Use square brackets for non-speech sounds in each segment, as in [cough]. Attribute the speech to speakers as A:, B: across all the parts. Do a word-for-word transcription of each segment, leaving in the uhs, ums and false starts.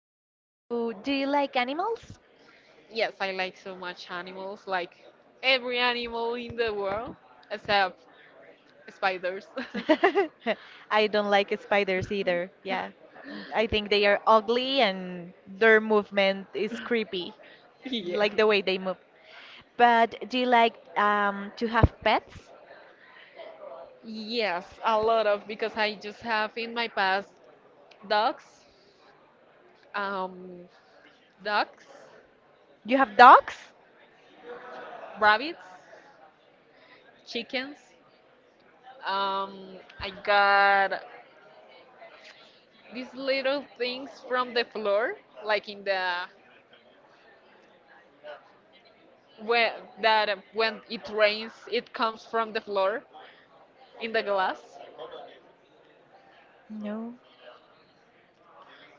A: okay, so do you like animals?
B: Yes, I like so much animals, like every animal in the world except spiders. [laughs]
A: [laughs] I don't like spiders either. Yeah. I think they are ugly and their movement is creepy,
B: Yeah.
A: like the way they move. But do you like um to have pets?
B: Yes, a lot of because I just have in my past dogs, um, ducks,
A: You have dogs?
B: rabbits, chickens. Um, I got these little things from the floor, like in the where that uh, when it rains, it comes from the floor in the glass.
A: No.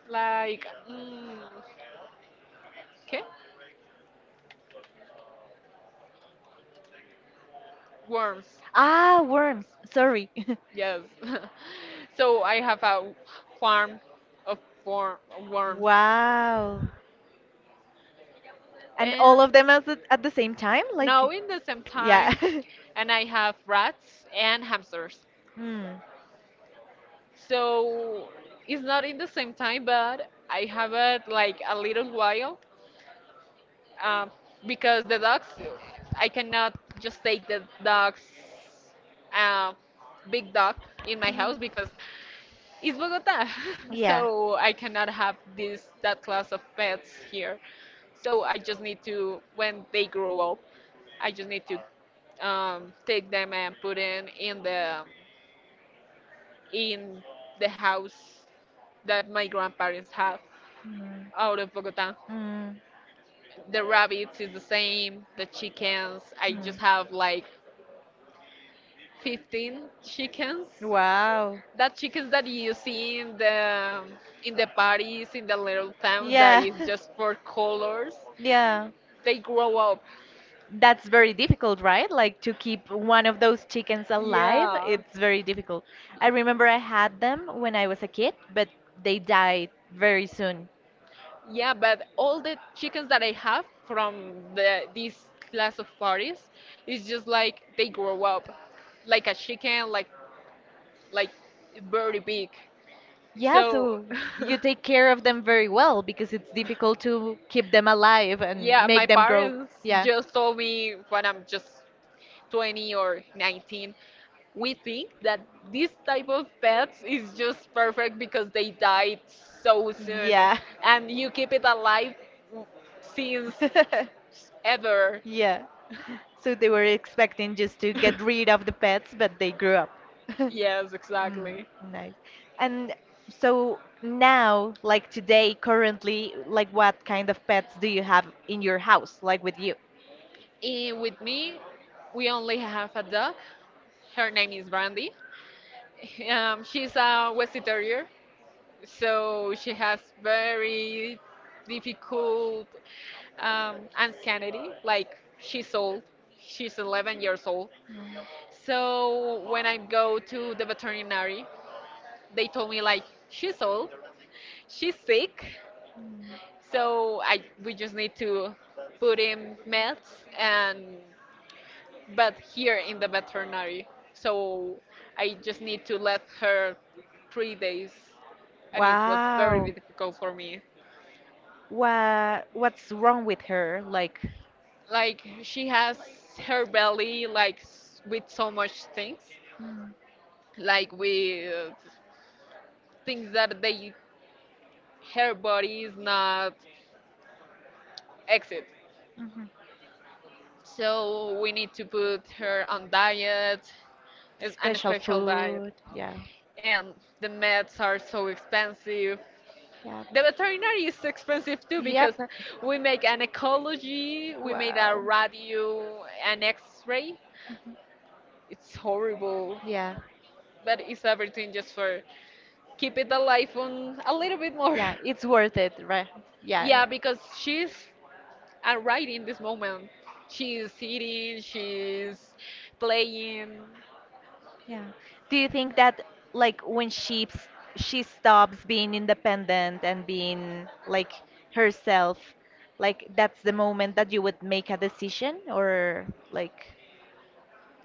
B: Like, mm, okay, worms.
A: Ah, worms. Sorry. [laughs]
B: Yes. [laughs] So I have a farm of worm, worms
A: Wow. And all
B: and
A: of them at the, at the same time?
B: now
A: Like,
B: in the same
A: yeah.
B: time.
A: [laughs]
B: And I have rats and hamsters,
A: Hmm.
B: so it's not in the same time, but I have it like a little while, um, because the dogs, I cannot just take the dogs, uh, big dog, in my house
A: Mm,
B: because it's Bogota, [laughs]
A: yeah.
B: so I cannot have this that class of pets here. So I just need to when they grow up, I just need to um, take them and put them in the in the house that my grandparents have
A: Mm.
B: out of Bogota.
A: Mm.
B: The rabbits is the same, the chickens. I
A: Mm.
B: just have like fifteen chickens,
A: Wow.
B: that chickens that you see in the in the parties in the little towns that
A: Yeah.
B: is
A: [laughs]
B: just for colors,
A: Yeah.
B: they grow up.
A: That's very difficult, right? Like to keep one of those chickens alive,
B: Yeah,
A: it's very difficult. I remember I had them when I was a kid, but they died very soon.
B: yeah, but all the chickens that I have from the this class of parties is just like they grow up like a chicken, like like very big,
A: Yeah,
B: so.
A: so you take
B: [laughs]
A: care of them very well because it's difficult to keep them alive and
B: Yeah, my
A: make them grow.
B: parents
A: Yeah.
B: just told me when I'm just twenty or nineteen, we think that this type of pets is just perfect because they died so soon
A: Yeah.
B: and you keep it alive w- since
A: [laughs]
B: ever.
A: Yeah.
B: [laughs]
A: So they were expecting just to get rid of the pets, but they grew up. [laughs]
B: Yes,
A: Mm,
B: exactly.
A: nice. And so now, like today, currently, like what kind of pets do you have in your house, like with you?
B: And with me, we only have a dog. Her name is Brandy. um, she's a westie terrier. So she has very difficult um, anxiety. Like, she's old, she's eleven years old. So when I go to the veterinary, they told me like she's old, she's sick. So I we just need to put in meds and but here in the veterinary. So I just need to let her three days, and it was very
A: Wow.
B: difficult for me.
A: What what's wrong with her? Like
B: Like, she has her belly like s- with so much things,
A: mm-hmm.
B: like with things that they her body is not exit, so we need to put her on diet, is- and a
A: Special
B: special diet.
A: food. Yeah.
B: And the meds are so expensive,
A: Yeah.
B: the veterinary is expensive too,
A: Yep.
B: because we make an ecology, we made a
A: Wow.
B: radio, an x-ray. It's horrible,
A: Yeah.
B: but it's everything just for keep it alive on a little bit more.
A: Yeah, it's worth it, right?
B: [laughs]
A: Yeah.
B: Yeah, because she's right in this moment. She's eating, she's playing.
A: Yeah. Do you think that like when she she stops being independent and being like herself, like that's the moment that you would make a decision or like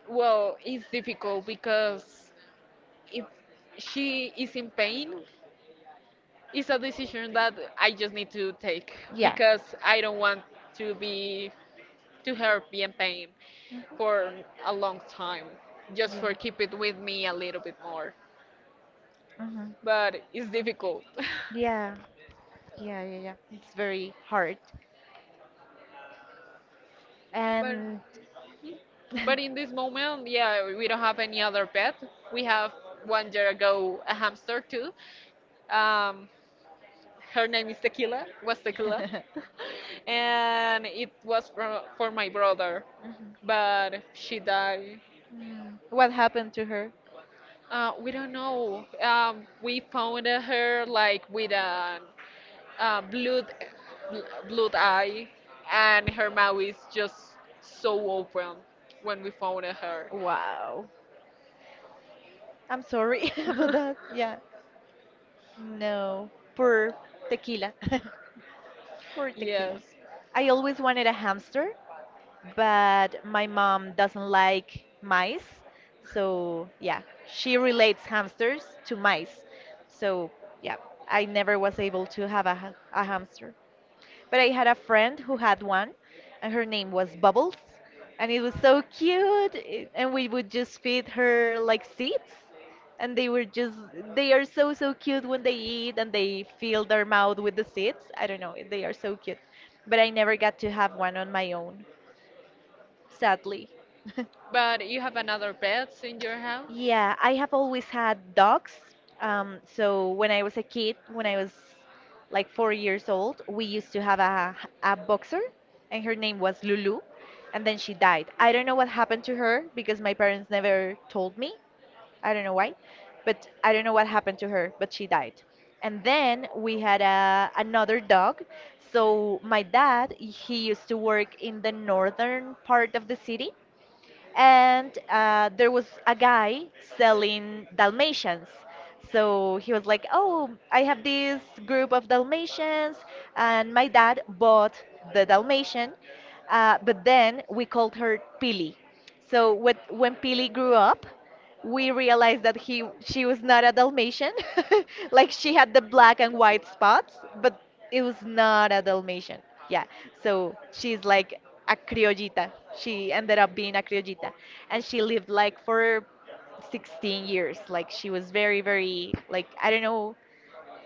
B: Well, it's difficult because if she is in pain, it's a decision that I just need to take,
A: yeah.
B: because I don't want to be to her be in pain for a long time just for keep it with me a little bit more.
A: Hmm.
B: But it's difficult.
A: Yeah. Yeah, yeah, yeah. It's very hard.
B: [laughs] but
A: And
B: But in this
A: [laughs]
B: moment, yeah, we don't have any other pet. We have one year ago a hamster too. Um, her name is Tequila, was Tequila.
A: mhm.
B: [laughs] And it was for, for my brother, but she died.
A: Mm. What happened to her?
B: Uh, we don't know. Um, we found her like with a, uh blood, bl- blood eye, and her mouth is just so open when we found her.
A: Wow. I'm sorry [laughs] about that.
B: [laughs]
A: Yeah. No. Poor tequila. [laughs] Poor tequila.
B: Yes.
A: I always wanted a hamster, but my mom doesn't like mice. So, yeah, she relates hamsters to mice. So, yeah, I never was able to have a, ha- a hamster. But I had a friend who had one, and her name was Bubbles, and it was so cute. I- And we would just feed her like seeds, and they were just they are so so cute when they eat and they fill their mouth with the seeds. I don't know, they are so cute. But I never got to have one on my own, sadly. [laughs]
B: But you have another pets in your house?
A: Yeah, I have always had dogs. Um, so when I was a kid, when I was like four years old, we used to have a a boxer, and her name was Lulu, and then she died. I don't know what happened to her because my parents never told me. I don't know why, but I don't know what happened to her, but she died. And then we had a, another dog. So my dad, he used to work in the northern part of the city and uh, there was a guy selling Dalmatians. So he was like, "Oh, I have this group of Dalmatians," and my dad bought the Dalmatian, uh, but then we called her Pili. So when when Pili grew up, we realized that he she was not a Dalmatian. [laughs] Like she had the black and white spots, but it was not a Dalmatian. Yeah. So she's like a criollita. She ended up being a criollita, and she lived like for sixteen years. Like she was very, very like I don't know,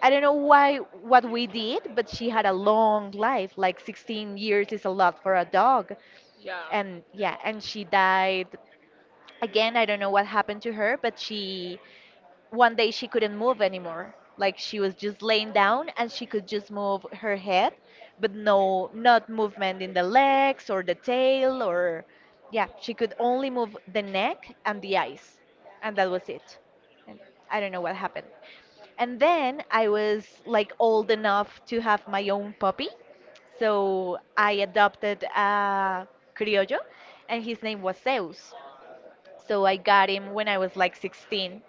A: I don't know why what we did, but she had a long life. Like sixteen years is a lot for a dog,
B: Yeah.
A: and yeah, and she died again. I don't know what happened to her, but she one day she couldn't move anymore. Like she was just laying down and she could just move her head but no not movement in the legs or the tail or yeah she could only move the neck and the eyes and that was it. And I don't know what happened. And then I was like old enough to have my own puppy, so I adopted a criollo and his name was Zeus. So I got him when I was like sixteen,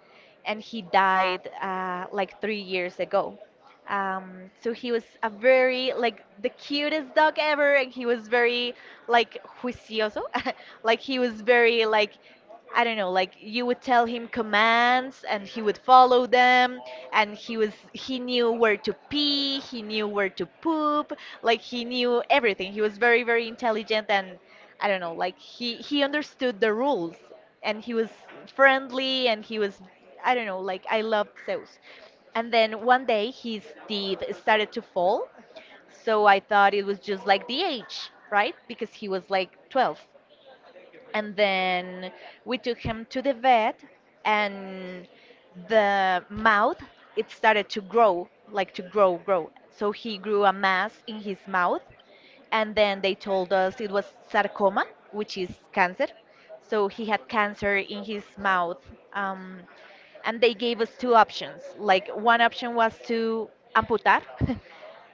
A: and he died uh, like three years ago. Um, so he was a very like the cutest dog ever, and he was very like juicioso, [laughs] like he was very like I don't know, like you would tell him commands and he would follow them and he was he knew where to pee, he knew where to poop, like he knew everything. He was very very intelligent and I don't know, like he he understood the rules and he was friendly and he was I don't know, like I loved Zeus. And then one day his teeth started to fall, so I thought it was just like the age, right? Because he was like twelve. And then we took him to the vet and the mouth it started to grow, like to grow, grow. So he grew a mass in his mouth and then they told us it was sarcoma, which is cancer. So he had cancer in his mouth. Um, and they gave us two options. Like one option was to amputar, [laughs]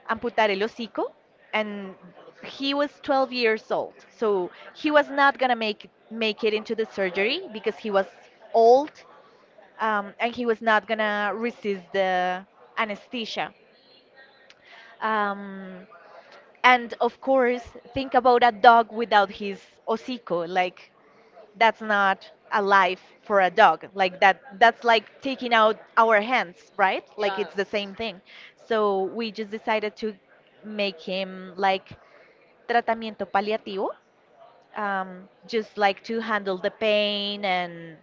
A: amputar el hocico, and he was twelve years old, so he was not gonna make make it into the surgery because he was old, um, and he was not gonna resist the anesthesia. Um, and of course, think about a dog without his hocico. Like that's not a life for a dog. Like that that's like taking out our hands, right? Like it's the same thing. So we just decided to make him like tratamiento paliativo, um, just like to handle the pain and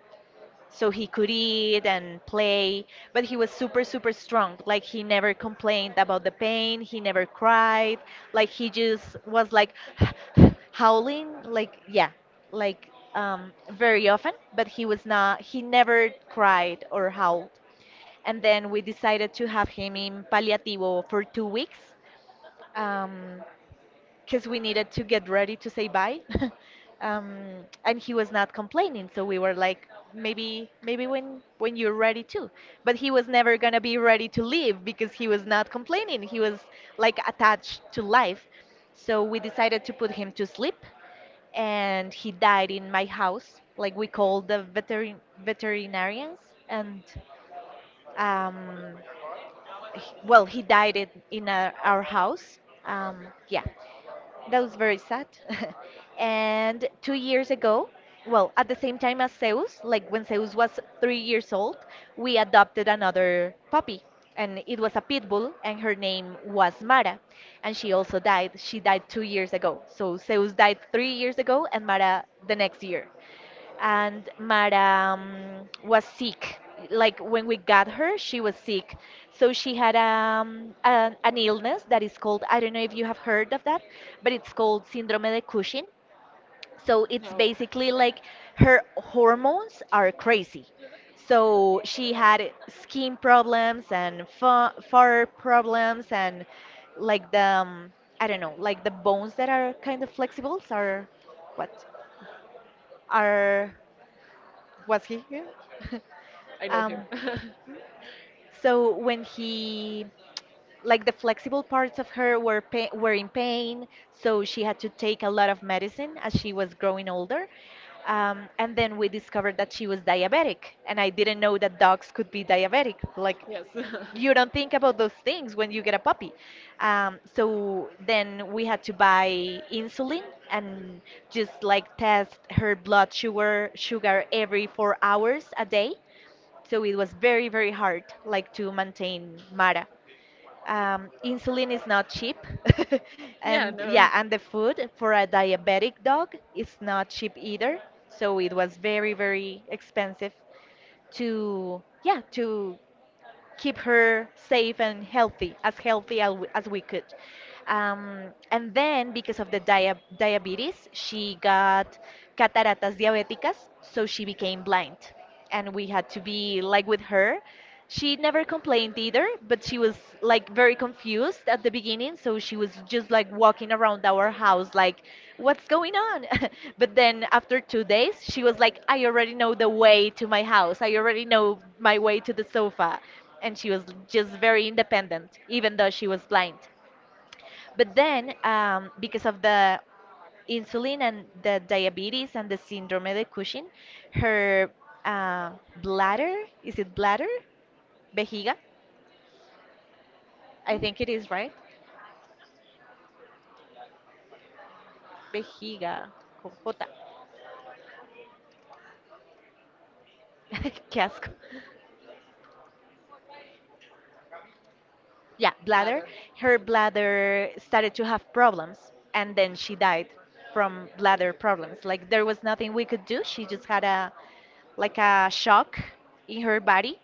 A: so he could eat and play but he was super super strong. Like he never complained about the pain, he never cried. Like he just was like [sighs] howling like yeah like um, very often but he was not he never cried or howled. And then we decided to have him in palliativo for two weeks, um, because we needed to get ready to say bye. [laughs] Um, and he was not complaining, so we were like, maybe maybe when when you're ready too. But he was never gonna be ready to leave because he was not complaining. He was like attached to life. So we decided to put him to sleep, and he died in my house. Like we called the veterin veterinarians, and um, h- well, he died in, in our, our house. Um, yeah, that was very sad. [laughs] And two years ago, well, at the same time as Zeus, like when Zeus was three years old, we adopted another puppy. And it was a pit bull, and her name was Mara. And she also died. She died two years ago. So Zeus died three years ago, and Mara the next year. And Mara um, was sick. Like when we got her, she was sick. So she had um, an, an illness that is called, I don't know if you have heard of that, but it's called Síndrome de Cushing. So it's
B: No,
A: basically like her hormones are crazy. So she had skin problems and fa fur problems and like the, um, I don't know, like the bones that are kind of flexible are what? Are was he here? [laughs]
B: I know him.
A: Um,
B: [laughs]
A: so when he like the flexible parts of her were pa were in pain, so she had to take a lot of medicine as she was growing older. Um, and then we discovered that she was diabetic, and I didn't know that dogs could be diabetic. Like you don't think about
B: [laughs]
A: those things when you get a puppy. Um, so then we had to buy insulin and just like test her blood sugar sugar every four hours a day. So it was very, very hard, like to maintain Mara. Um, insulin is not cheap, [laughs]
B: Yeah,
A: and
B: no.
A: yeah, and the food for a diabetic dog is not cheap either. So it was very, very expensive to yeah to keep her safe and healthy, as healthy as we, as we could. Um, and then because of the dia diabetes, she got cataratas diabeticas, so she became blind. And we had to be like with her. She never complained either, but she was like very confused at the beginning, so she was just like walking around our house like what's going on? [laughs] But then after two days, she was like I already know the way to my house. I already know my way to the sofa. And she was just very independent even though she was blind. But then, um, because of the insulin and the diabetes and the syndrome de Cushing, her uh, bladder, is it bladder? Vejiga? I think it is, right? Vejiga, con J. [laughs] Qué asco. Yeah, bladder.
B: Ladder.
A: Her bladder started to have problems and then she died from bladder problems. Like there was nothing we could do. She just had a like a shock in her body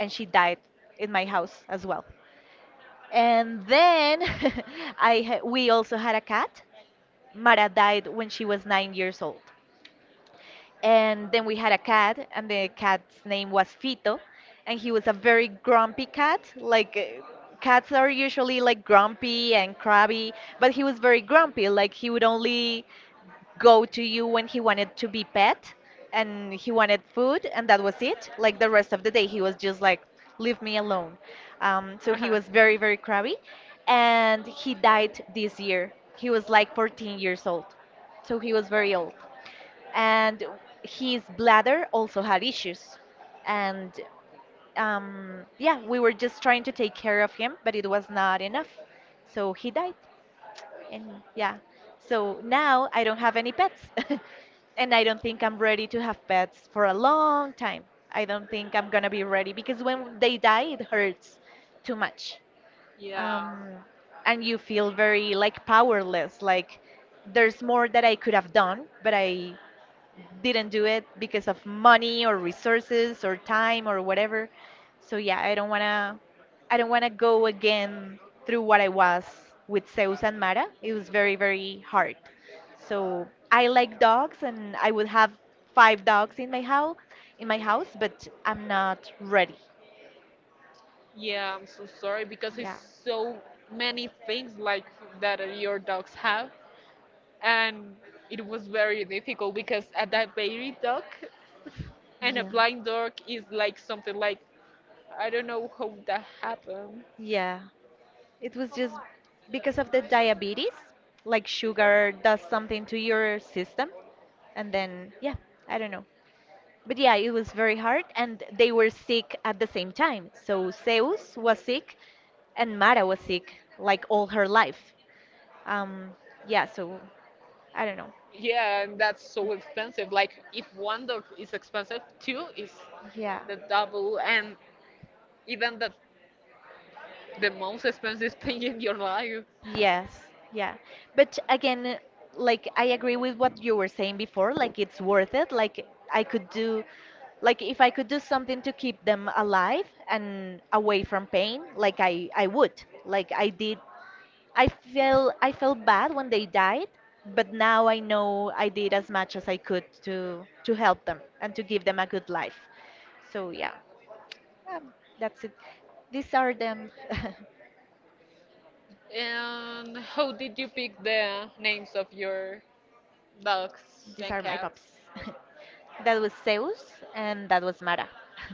A: and she died in my house as well. And then [laughs] I ha- we also had a cat. Mara died when she was nine years old. And then we had a cat, and the cat's name was Fito, and he was a very grumpy cat. Like uh, cats are usually like grumpy and crabby, but he was very grumpy. Like he would only go to you when he wanted to be pet and he wanted food, and that was it. Like the rest of the day he was just like leave me alone. Um, so
B: Uh
A: he
B: huh.
A: was very very crabby and he died this year. He was like fourteen years old, so he was very old. And his bladder also had issues. And um, yeah, we were just trying to take care of him, but it was not enough, so he died. And yeah, so now I don't have any pets. [laughs] And I don't think I'm ready to have pets for a long time. I don't think I'm gonna be ready because when they die, it hurts too much.
B: Yeah,
A: Um, and you feel very like powerless, like there's more that I could have done, but I didn't do it because of money or resources or time or whatever. So yeah, I don't wanna I don't wanna go again through what I was with Zeus and Mara. It was very, very hard. So I like dogs, and I would have five dogs in my house in my house, but I'm not ready.
B: yeah, I'm so sorry because it's
A: Yeah.
B: so many things like that your dogs have, and it was very difficult because a diabetic dog and a
A: Yeah.
B: blind dog is like something like, I don't know how that happened.
A: Yeah, it was just because of the diabetes, like sugar does something to your system. And then yeah, I don't know, but yeah, it was very hard, and they were sick at the same time. So Zeus was sick and Mara was sick like all her life. um yeah, so I don't know.
B: Yeah, and that's so expensive. Like, if one dog is expensive, two is
A: Yeah.
B: the double, and even the the most expensive [laughs] thing in your life.
A: Yes. Yeah, but again, like I agree with what you were saying before, like it's worth it. Like I could do, like if I could do something to keep them alive and away from pain, like i i would, like I did. I feel I felt bad when they died, but now I know I did as much as I could to to help them and to give them a good life. So yeah, um, that's it. These are them. [laughs]
B: And how did you pick the names of your dogs
A: These
B: and
A: are my pups.
B: cats?
A: [laughs] That was Zeus and that was Mara. [laughs]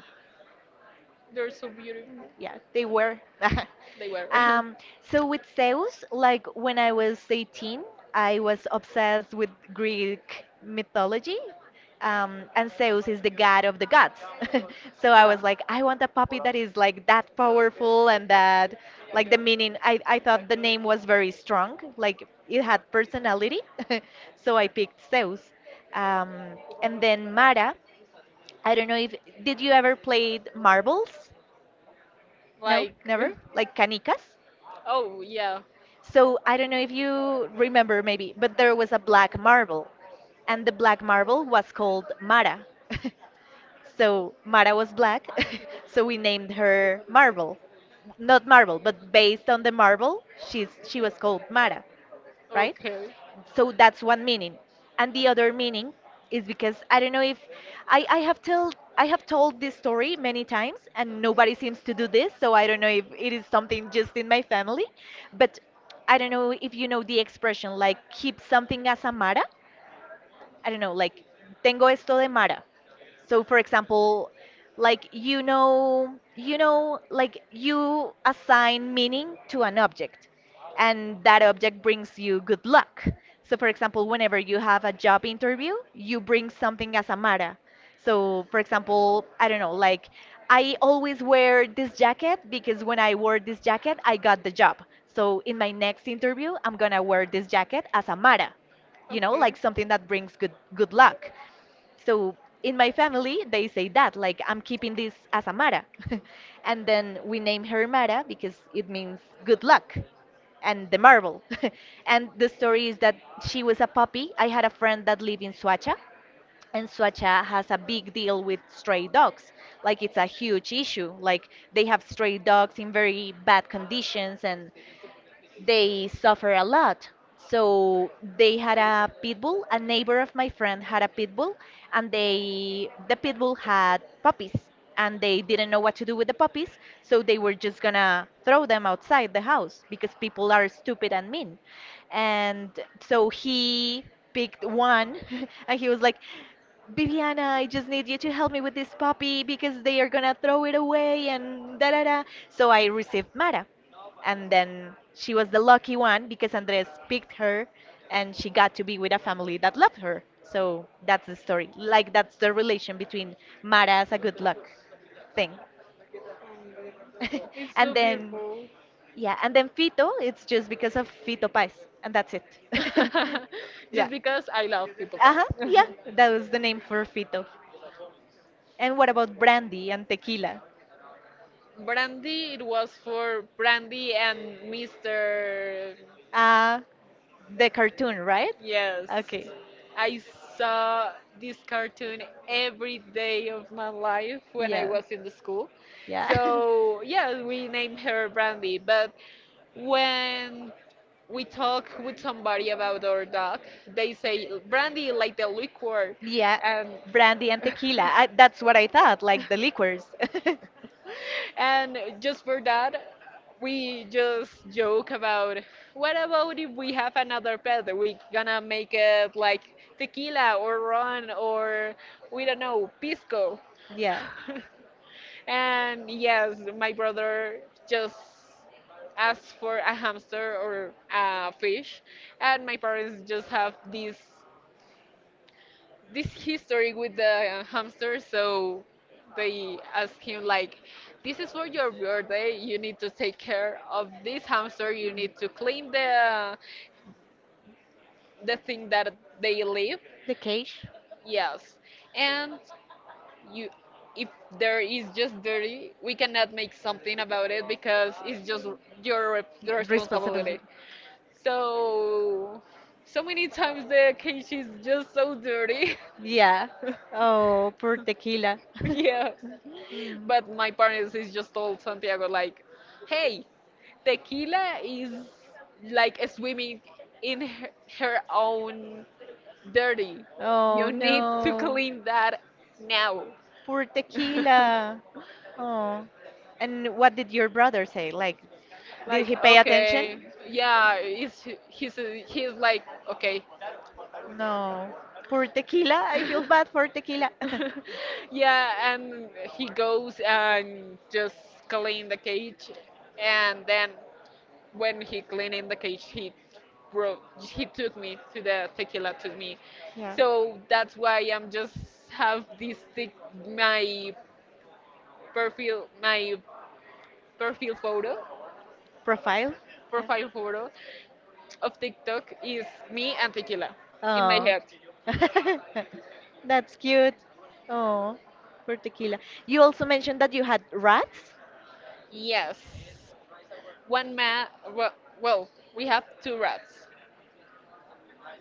B: They're so beautiful.
A: Yeah, they were. [laughs]
B: They were.
A: Um, so with Zeus, like when I was eighteen, I was obsessed with Greek mythology. Um, and Zeus is the god of the gods. [laughs] So
B: [laughs]
A: I
B: Yeah.
A: was like, I want a puppy that is like that powerful and that, like the
B: [laughs]
A: meaning, I, I thought the name was very strong, like it had personality. [laughs] So I picked Zeus. Um, and then Mara, I don't know if, did you ever played marbles? No,
B: Like,
A: never? Like canicas?
B: [laughs] oh yeah,
A: So I don't know if you remember maybe, but there was a black marble, and the black marble was called Mara. [laughs] So Mara was black, [laughs] so we named her Marble. Not Marble, but based on the marble, she's she was called Mara, right?
B: okay.
A: So that's one meaning, and the other meaning is because I don't know if i i have told I have told this story many times and nobody seems to do this, so I don't know if it is something just in my family. But I don't know if you know the expression like keep something as a Mara. I don't know, like tengo esto de Mara. So for example, like you know, you know, like you assign meaning to an object and that object brings you good luck. So for example, whenever you have a job interview, you bring something as a Mara. So for example, I don't know, like I always wear this jacket because when I wore this jacket, I got the job. So in my next interview, I'm gonna wear this jacket as a Mara. You know,
B: Okay.
A: like something that brings good good luck. So in my family they say that like I'm keeping this as amara. [laughs] And then we name her Mara because it means good luck and the marble. [laughs] And the story is that she was a puppy. I had a friend that lived in Suacha, and Suacha has a big deal with stray dogs. Like it's a huge issue. Like they have stray dogs in very bad conditions, and they suffer a lot. So they had a pit bull. A neighbor of my friend had a pit bull, and they the pit bull had puppies, and they didn't know what to do with the puppies, so they were just gonna throw them outside the house because people are stupid and mean. And so he picked one, [laughs] and he was like, Viviana, I just need you to help me with this puppy because they are gonna throw it away and da da da. So I received Mara, and then she was the lucky one because Andres picked her, and she got to be with a family that loved her. So that's the story. Like that's the relation between Mara as a good luck thing. [laughs]
B: It's
A: And
B: so
A: then
B: beautiful.
A: yeah, and then Fito, it's just because of Fito Paz, and that's it. [laughs]
B: [laughs]
A: Yeah.
B: Just because I love Pito Pau.
A: Uh-huh,
B: [laughs]
A: yeah, that was the name for Fito. And what about Brandy and Tequila?
B: Brandy, it was for Brandy and mister
A: Uh the cartoon, right?
B: Yes.
A: Okay.
B: I saw this cartoon every day of my life when I
A: Yeah.
B: was in the school.
A: Yeah. [laughs]
B: So, yeah, we named her Brandy. But when we talk with somebody about our dog, they say Brandy like the liquor.
A: Yeah.
B: And
A: Brandy and
B: [laughs]
A: Tequila. I, that's what I thought, like the liquors. [laughs]
B: and just for that, we just joke about, what about if we have another pet? We gonna make it like tequila, or ron, or we don't know, pisco.
A: Yeah.
B: [laughs] And yes, my brother just asked for a hamster or a fish, and my parents just have this this history with the hamster, so they ask him like, "This is for your birthday, you need to take care of this hamster, you
A: Mm.
B: need to clean the uh, the thing that they live."
A: The cage?
B: Yes. And you, if there is just dirty, we cannot make something about it because it's just your rep-
A: Yeah, responsibility.
B: responsibility. So so many times the cage is just so dirty.
A: Yeah.
B: [laughs]
A: Oh, poor Tequila.
B: Yes.
A: [laughs] Mm.
B: But my parents is just told Santiago like, "Hey, tequila is like swimming in her, her own dirty.
A: Oh
B: You need to
A: no.
B: clean that now."
A: Poor
B: [laughs]
A: Tequila. Oh. And what did your brother say? Like, did
B: Like,
A: he pay attention?
B: okay. Yeah, he's he's he's like, okay.
A: No. Poor Tequila. I feel bad
B: [laughs]
A: for Tequila. [laughs]
B: Yeah, and he goes and just clean the cage, and then when he cleaning the cage, he bro, he took me to the tequila, took me. So that's why I'm just have this tic- my profile, my profile photo,
A: Profile? Yeah.
B: profile photo of TikTok is me and tequila in my head.
A: Oh. [laughs] That's cute. Oh, poor Tequila. You also mentioned that you had rats?
B: Yes, one man. Well, well, we have two rats.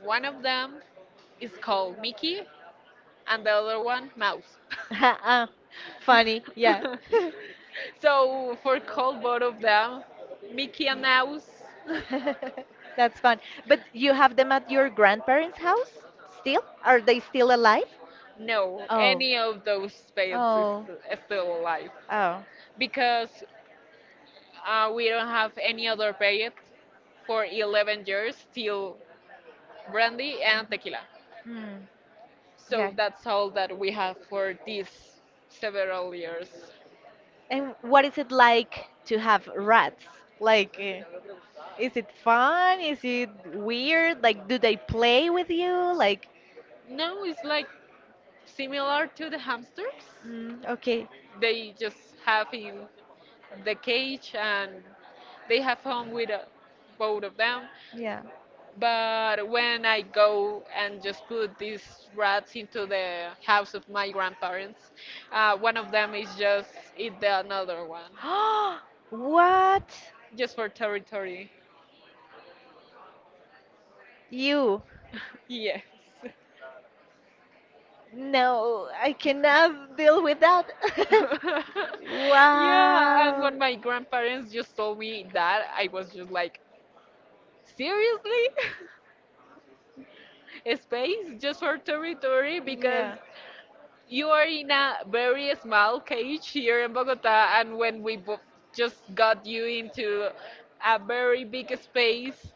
B: One of them is called Mickey, and the other one Mouse. [laughs]
A: Ah, funny, yeah.
B: [laughs]
A: [laughs]
B: So for cold both of them, Mickey and Mouse. [laughs]
A: [laughs] That's fun. But you have them at your grandparents' house still? Are they still alive?
B: No,
A: Oh,
B: any of those pets is
A: oh,
B: st- still alive,
A: oh.
B: because uh, we don't have any other pet for eleven years till brandy and tequila.
A: Hmm.
B: So
A: Got it.
B: that's all that we have for these several years.
A: And what is it like to have rats? Like, uh, is it fun? Is it weird? Like, do they play with you? Like,
B: No, it's like similar to the hamsters.
A: mm, okay,
B: They just have in the cage and they have fun with uh, both of them.
A: yeah.
B: But when I go and just put these rats into the house of my grandparents, uh, one of them is just eat the another one,
A: [gasps] What?
B: just for territory.
A: You?
B: [laughs] Yes.
A: No, I cannot deal with that.
B: [laughs]
A: [laughs]
B: Yeah, and
A: Wow.
B: when my grandparents just told me that, I was just like, seriously? [laughs] Space just for territory? Because
A: Yeah,
B: you are in a very small cage here in Bogota, and when we bo- just got you into a very big space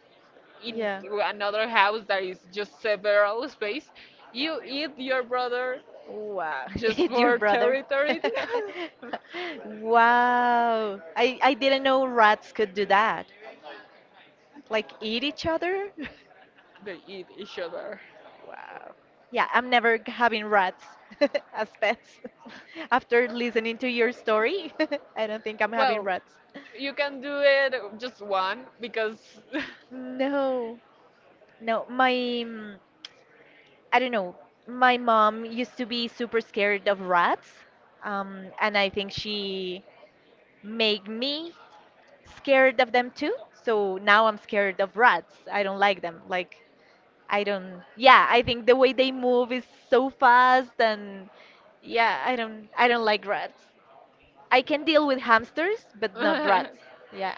B: in
A: yeah.
B: another house that is just several space, you eat your brother
A: Wow, [laughs]
B: just
A: it's your
B: for
A: brother. [laughs]
B: territory.
A: Wow. I, I didn't know rats could do that. Like eat each other? [laughs]
B: [laughs] They eat each other.
A: Wow. Yeah, I'm never g- having rats [laughs] as pets. [laughs] After listening to your story, [laughs] I don't think I'm having
B: Well,
A: rats.
B: you can do it just one because.
A: No, no, my, mm, I don't know. My mom used to be super scared of rats, um, and I think she made me scared of them too. So now I'm scared of rats. I don't like them. Like, I don't, yeah, I think the way they move is so fast, and yeah, I don't, I don't like rats. I can deal with hamsters, but not rats.
B: [laughs] [laughs]
A: Yeah.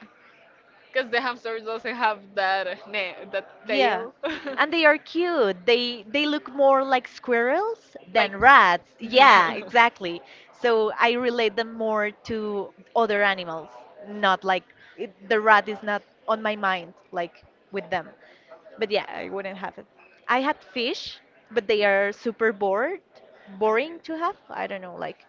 B: Because the hamster doesn't have that ne- that
A: Yeah.
B: tail. [laughs]
A: And they are cute. They they look more like squirrels
B: Like.
A: than rats.
B: [laughs]
A: Yeah, exactly. So I relate them more to other animals, not like it, the rat is not on my mind like with them. But yeah, I wouldn't have it. I had fish, but they are super bored, boring to have. I don't know, like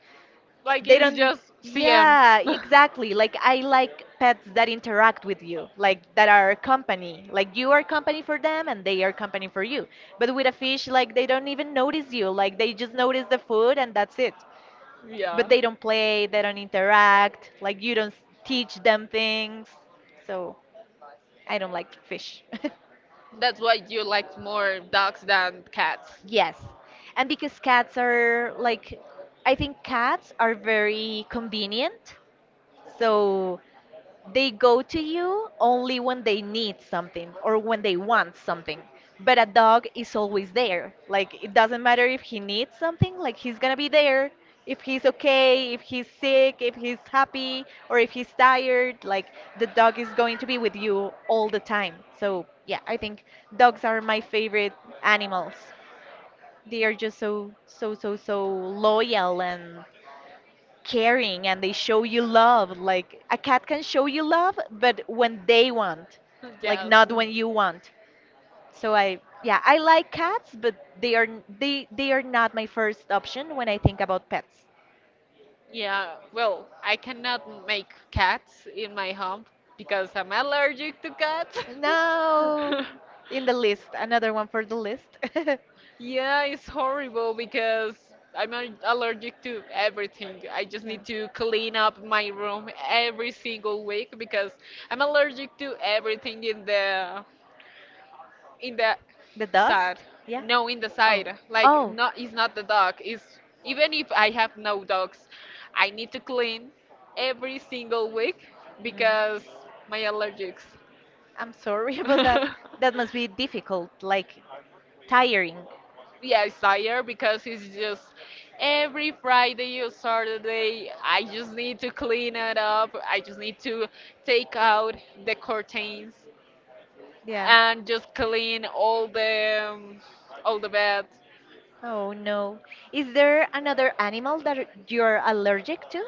B: Like
A: they
B: it's
A: don't.
B: just C M.
A: Yeah,
B: [laughs]
A: exactly. Like I like pets that interact with you, like that are company. Like you are company for them and they are company for you. But with a fish, like they don't even notice you. Like they just notice the food and that's it.
B: Yeah.
A: But they don't play, they don't interact. Like you don't s- teach them things. So I don't like fish. [laughs]
B: That's why you liked more dogs than cats.
A: Yes. And because cats are like, I think cats are very convenient. So they go to you only when they need something or when they want something. But a dog is always there. Like it doesn't matter if he needs something, like he's gonna be there. If he's okay, if he's sick, if he's happy, or if he's tired, like the dog is going to be with you all the time. So yeah, I think dogs are my favorite animals. They are just so so so so loyal and caring, and they show you love. Like a cat can show you love, but when they want,
B: [laughs]
A: like
B: Yes.
A: not when you want. So I yeah, I like cats, but they are n- they they are not my first option when I think about pets.
B: Yeah, well, I cannot make cats in my home because I'm allergic to cats.
A: No.
B: [laughs]
A: In the list, another one for the list. [laughs]
B: Yeah, it's horrible because I'm al- allergic to everything. I just
A: Yeah.
B: need to clean up my room every single week because I'm allergic to everything in the in the
A: The
B: side.
A: dust? Yeah.
B: No, in the
A: Oh.
B: side. Like,
A: Oh.
B: not, it's not the dog. It's even if I have no dogs, I need to clean every single week
A: Mm.
B: because my allergics.
A: I'm sorry [laughs] about that.
B: [laughs]
A: That must be difficult, like tiring.
B: Yeah, it's tired because it's just every Friday or Saturday. I just need to clean it up. I just need to take out the curtains
A: Yeah.
B: and just clean all the um, all the bed
A: Oh no. Is there another animal that you're allergic to?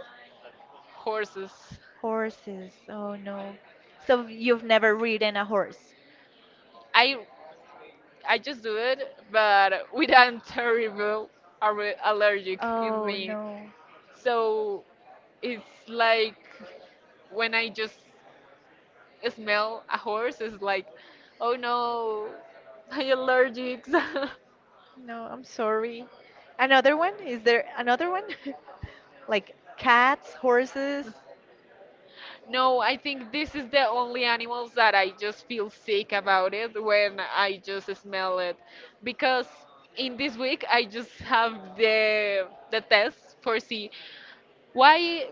B: horses.
A: Horses. Oh no. So you've never ridden a horse?
B: I I just do it, but with a terrible aller- allergic in
A: Oh
B: me.
A: no.
B: So it's like when I just smell a horse, it's like, oh no, my allergics. [laughs]
A: No, I'm sorry. Another one? Is there another one? [laughs] Like cats, horses?
B: No, I think this is the only animals that I just feel sick about it when I just smell it, because in this week I just have the the test for see why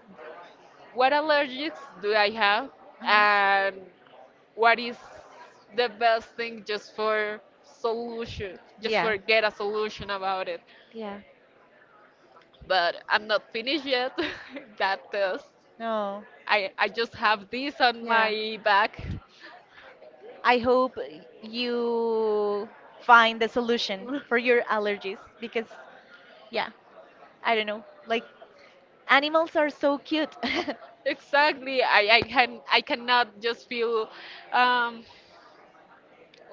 B: what allergies do I have,
A: Uh-huh.
B: and what is the best thing just for solution, just
A: Yeah.
B: for get a solution about it.
A: Yeah.
B: But I'm not finished yet [laughs] that test.
A: No.
B: I, I just have this on
A: Yeah.
B: my back.
A: I hope you find the solution for your
B: [laughs]
A: allergies because, yeah, I don't know. Like, animals are so cute. [laughs]
B: Exactly. I, I can I cannot just feel um,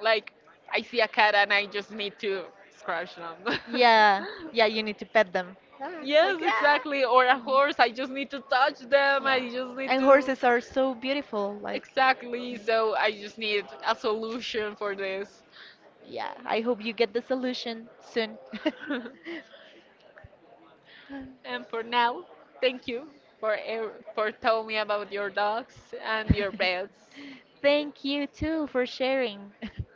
B: like, I see a cat and I just need to scratch them.
A: Yeah,
B: [laughs]
A: yeah, you need to pet them. Ah, like,
B: Yes,
A: ah.
B: exactly. Or a
A: Mm.
B: horse, I just need to touch them.
A: Yeah.
B: I just need
A: And
B: to.
A: horses are so beautiful. Like,
B: Exactly.
A: mm.
B: So I just need a solution for this.
A: Yeah, I hope you get the solution soon. [laughs]
B: [laughs] And for now, thank you for ev- for telling me about your dogs and your pets.
A: Thank you too for sharing. [laughs]